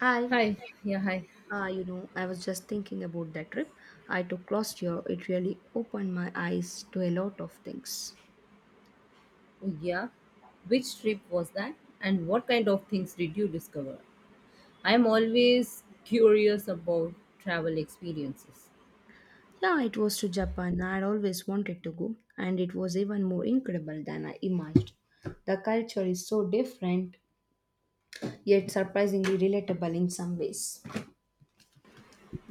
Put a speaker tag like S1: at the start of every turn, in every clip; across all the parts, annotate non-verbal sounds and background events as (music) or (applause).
S1: I,
S2: Hi, yeah, hi.
S1: I was just thinking about that trip I took last year. It really opened my eyes to a lot of things.
S2: Oh, yeah. Which trip was that? And what kind of things did you discover? I am always curious about travel experiences.
S1: Yeah, it was to Japan. I'd always wanted to go, and it was even more incredible than I imagined. The culture is so different, yet surprisingly relatable in some ways.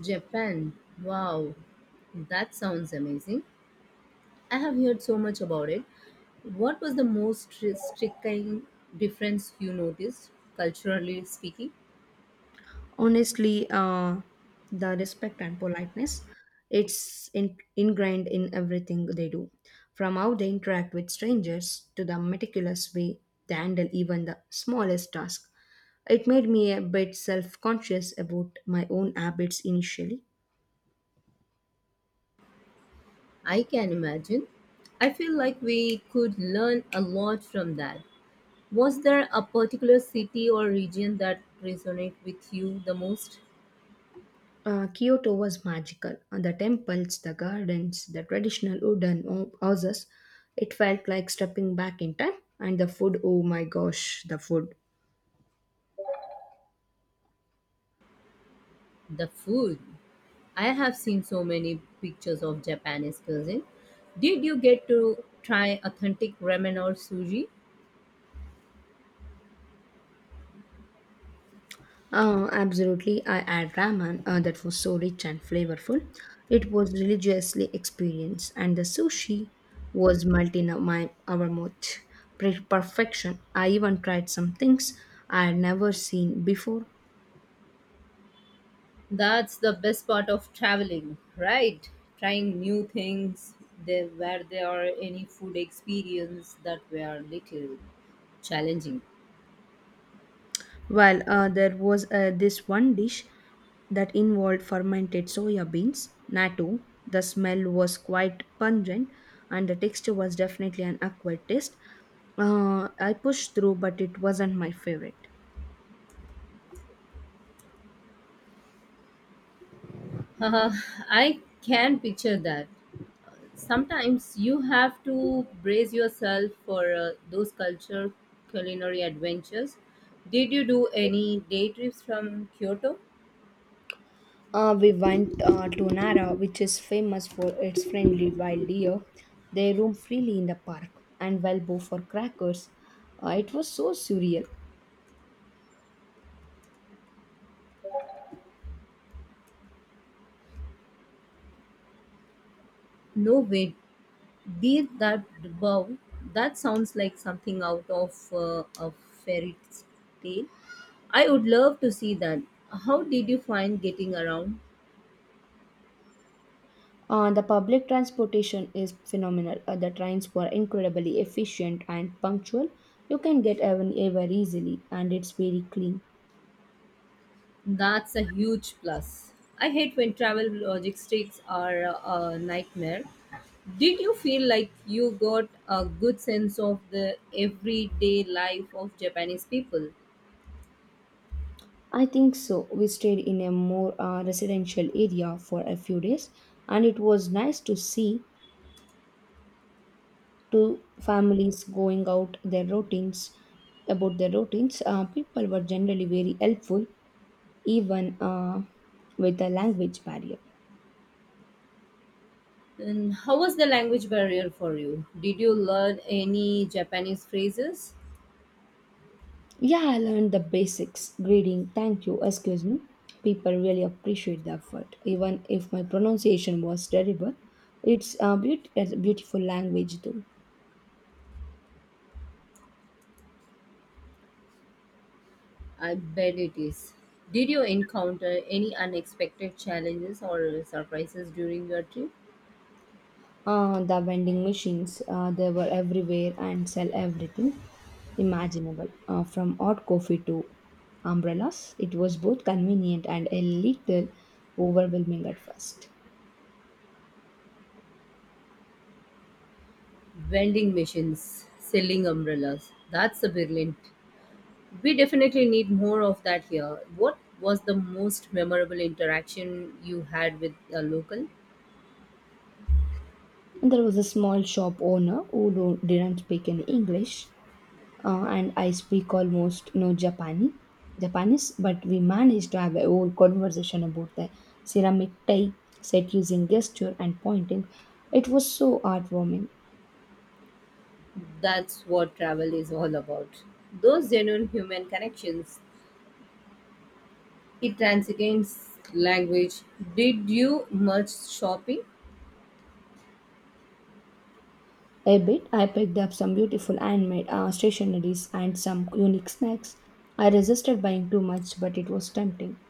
S2: Japan. Wow. That sounds amazing. I have heard so much about it. What was the most striking difference you noticed, culturally speaking?
S1: Honestly, the respect and politeness, it's ingrained in everything they do, from how they interact with strangers to the meticulous way they handle even the smallest task. It made me a bit self-conscious about my own habits initially.
S2: I can imagine. I feel like we could learn a lot from that. Was there a particular city or region that resonated with you the most?
S1: Uh, Kyoto was magical. The temples, the gardens, the traditional wooden houses. It felt like stepping back in time. And the food, oh my gosh, the food.
S2: The food. I have seen so many pictures of Japanese cuisine. Did you get to try authentic ramen or sushi?
S1: Absolutely, I had ramen that was so rich and flavorful. It was religiously experienced, and the sushi was melting of my our mouth. Perfection. I even tried some things I had never seen before.
S2: That's the best part of traveling, right? Trying new things there where there are any food experience that were little challenging.
S1: Well, there was this one dish that involved fermented soya beans, natto. The smell was quite pungent, and the texture was definitely an acquired taste. I pushed through, but it wasn't my favorite.
S2: (laughs) I can picture that. Sometimes you have to brace yourself for those culture culinary adventures. Did you do any day trips from Kyoto?
S1: We went to Nara, which is famous for its friendly wild deer. They roam freely in the park and Valbo for crackers. It was so surreal.
S2: No way. Did that. Wow. That sounds like something out of a fairy tale. I would love to see that. How did you find getting around?
S1: The public transportation is phenomenal. The trains were incredibly efficient and punctual. You can get anywhere easily, and it's very clean.
S2: That's a huge plus. I hate when travel logistics are a nightmare. Did you feel like you got a good sense of the everyday life of Japanese people?
S1: I think so. We stayed in a more residential area for a few days, and it was nice to see to families going out their routines about their routines. People were generally very helpful, even with the language barrier.
S2: And how was the language barrier for you? Did you learn any Japanese phrases?
S1: Yeah, I learned the basics: greeting, thank you, excuse me. People really appreciate the effort even if my pronunciation was terrible. It's a beautiful language though.
S2: I bet it is. Did you encounter any unexpected challenges or surprises during your trip?
S1: The vending machines, they were everywhere and sell everything imaginable, from hot coffee to umbrellas. It was both convenient and a little overwhelming at first.
S2: Vending machines, selling umbrellas. That's a brilliant. We definitely need more of that here. What was the most memorable interaction you had with a local?
S1: And there was a small shop owner who do didn't speak any English, and I speak almost no Japanese, but we managed to have a whole conversation about the ceramic type set using gesture and pointing. It was so heartwarming.
S2: That's what travel is all about. Those genuine human connections. It transcends language. Did you much shopping?
S1: A bit, I picked up some beautiful handmade stationeries and some unique snacks. I resisted buying too much, but it was tempting.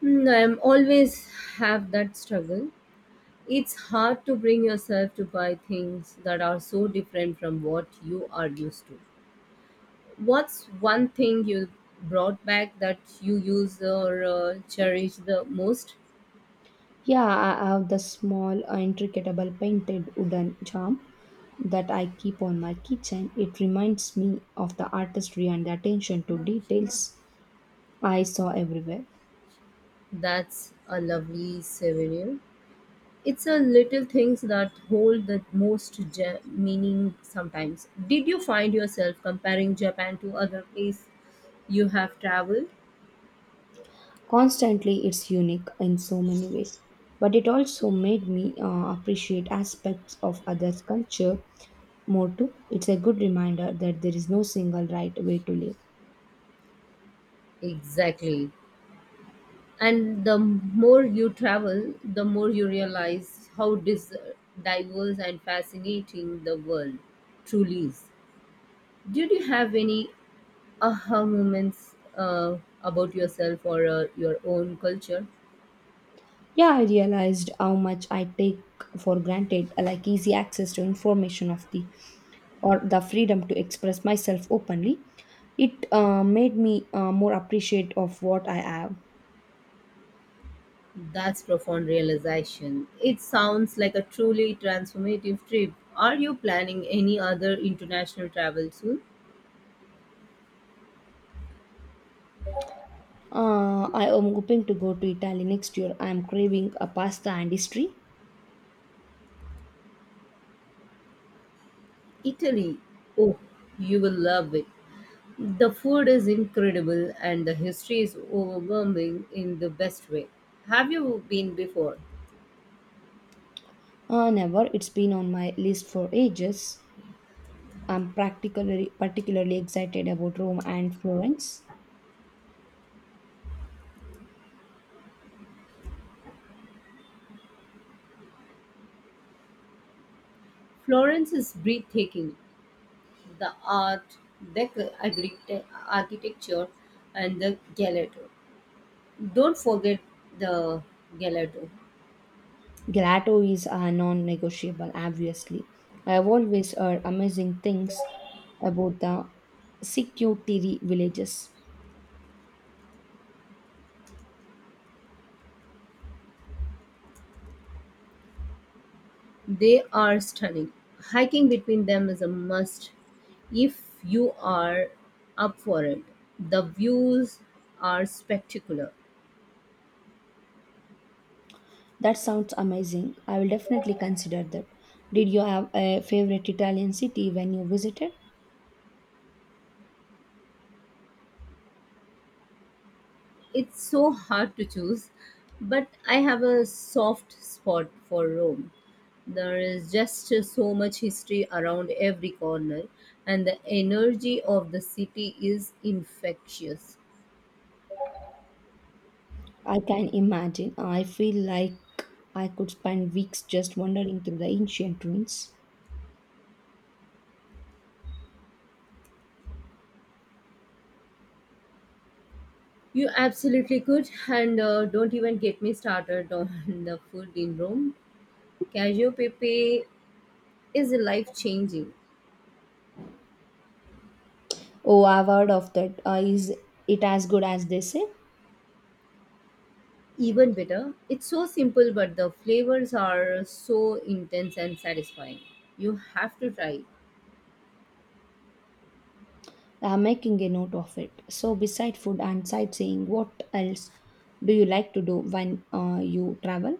S2: Hmm, I'm always have that struggle. It's hard to bring yourself to buy things that are so different from what you are used to. What's one thing you brought back that you use or cherish the most?
S1: Yeah, I have the small, intricatable painted wooden charm that I keep on my kitchen. It reminds me of the artistry and the attention to details I saw everywhere.
S2: That's a lovely souvenir. It's a little things that hold the most meaning sometimes. Did you find yourself comparing Japan to other places you have traveled?
S1: Constantly, it's unique in so many ways, but it also made me appreciate aspects of others' culture motto. It's a good reminder that there is no single right way to live.
S2: Exactly. And the more you travel, the more you realize how diverse and fascinating the world truly is. Did you have any aha moments about yourself or your own culture.
S1: Yeah, I realized how much I take for granted, like easy access to information of the or the freedom to express myself openly. It made me more appreciate of what I have.
S2: That's profound realization. It sounds like a truly transformative trip. Are you planning any other international travel soon?
S1: I am hoping to go to Italy next year. I am craving a pasta and history.
S2: Italy. Oh, you will love it. The food is incredible and the history is overwhelming in the best way. Have you been before?
S1: Never. It's been on my list for ages. I'm practically particularly excited about Rome and Florence.
S2: Florence is breathtaking. The art, the architecture, and the gelato. Don't forget the gelato.
S1: Gelato is non-negotiable, obviously. I've always heard amazing things about the Sikutiri villages.
S2: They are stunning. Hiking between them is a must if you are up for it. The views are spectacular.
S1: That sounds amazing. I will definitely consider that. Did you have a favorite Italian city when you visited?
S2: It's so hard to choose, but I have a soft spot for Rome. There is just so much history around every corner, and the energy of the city is infectious.
S1: I can imagine. I feel like I could spend weeks just wandering through the ancient ruins.
S2: You absolutely could, and don't even get me started on (laughs) the food in Rome. Cacio e pepe is life changing.
S1: Oh, I've heard of that. Is it as good as they say?
S2: Even better, it's so simple, but the flavors are so intense and satisfying. You have to try it.
S1: I'm making a note of it. So, beside food and sightseeing, what else do you like to do when you travel?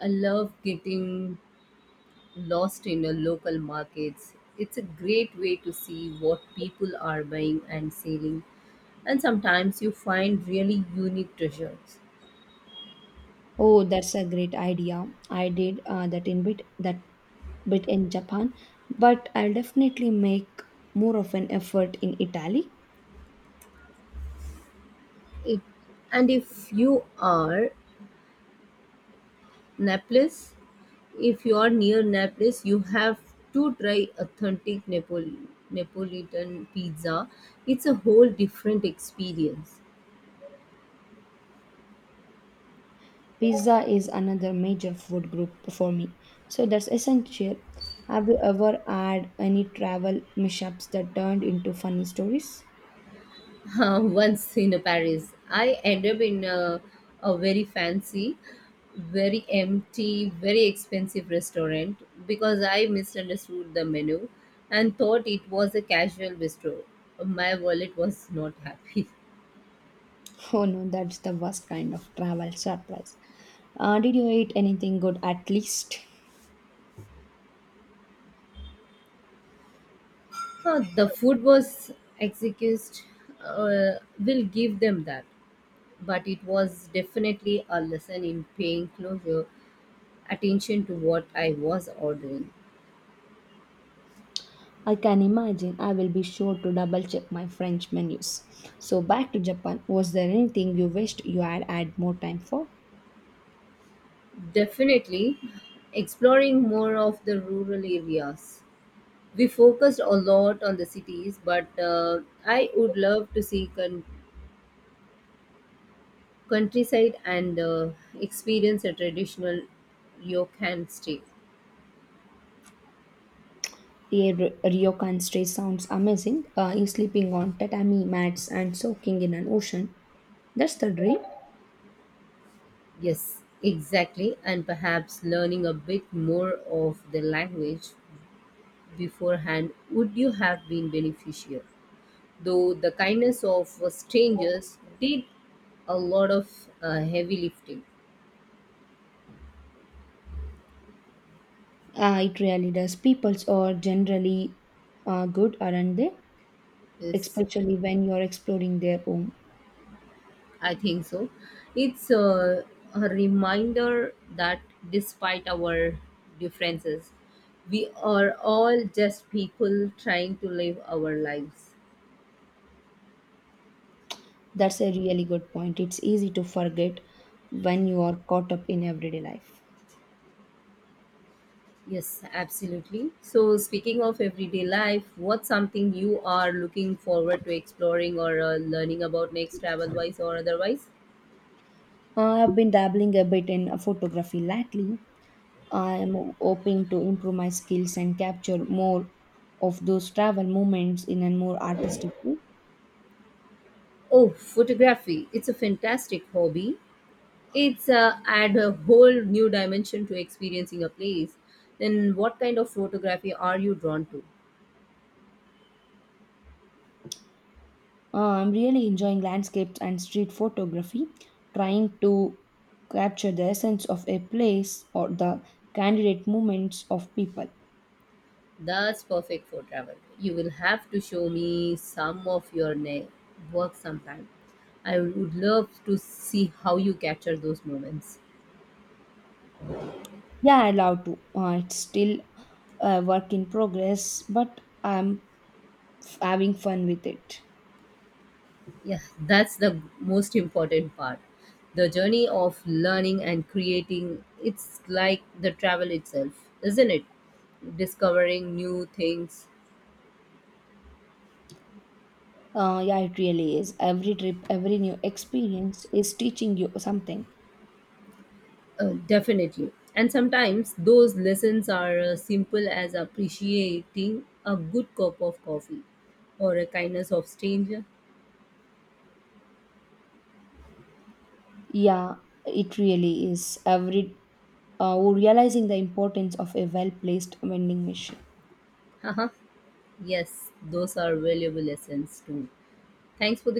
S2: I love getting lost in the local markets. It's a great way to see what people are buying and selling, and sometimes you find really unique treasures.
S1: Oh, that's a great idea. I did that in bit that bit in Japan, but I'll definitely make more of an effort in Italy.
S2: It, and if you are Naples, if you are near Naples, you have to try authentic Napolitan pizza. It's a whole different experience.
S1: Pizza is another major food group for me, so that's essential. Have you ever had any travel mishaps that turned into funny stories?
S2: (laughs) Once in Paris, I end up in a very fancy, very empty, very expensive restaurant because I misunderstood the menu and thought it was a casual bistro. My wallet was not happy. (laughs)
S1: (laughs) Oh no, that's the worst kind of travel surprise. Did you eat anything good at least?
S2: The food was exquisite. Uh, we'll give them that, but it was definitely a lesson in paying closer attention to what I was ordering.
S1: I can imagine. I will be sure to double check my French menus. So, back to Japan. Was there anything you wished you had had more time for?
S2: Definitely exploring more of the rural areas. We focused a lot on the cities, but I would love to see countryside and experience a traditional ryokan stay.
S1: The Ryokan stay sounds amazing. You sleeping on tatami mats and soaking in an ocean. That's the dream.
S2: Yes, exactly, and perhaps learning a bit more of the language beforehand would you have been beneficial. Though the kindness of strangers did a lot of heavy lifting.
S1: It really does. Peoples are generally good, aren't they?
S2: Yes.
S1: Especially when you're exploring their own.
S2: I think so. It's a reminder that despite our differences, we are all just people trying to live our lives.
S1: That's a really good point. It's easy to forget when you are caught up in everyday life.
S2: Yes, absolutely. So, speaking of everyday life, what's something you are looking forward to exploring or learning about next, travel wise or otherwise?
S1: I've been dabbling a bit in photography lately. I am hoping to improve my skills and capture more of those travel moments in a more artistic way.
S2: Oh, photography. It's a fantastic hobby. It's add a whole new dimension to experiencing a place. Then what kind of photography are you drawn to?
S1: I'm really enjoying landscapes and street photography, trying to capture the essence of a place or the candidate movements of people.
S2: That's perfect for travel. You will have to show me some of your work sometime. I would love to see how you capture those moments.
S1: Yeah, I love to. It's still a work in progress, but I'm having fun with it.
S2: Yeah, that's the most important part. The journey of learning and creating, it's like the travel itself, isn't it? Discovering new things.
S1: Yeah, it really is. Every trip, every new experience is teaching you something.
S2: Definitely. And sometimes those lessons are simple as appreciating a good cup of coffee or a kindness of stranger.
S1: Yeah, it really is. Every realizing the importance of a well-placed vending machine.
S2: (laughs) Haha. Yes, those are valuable lessons too. Thanks for the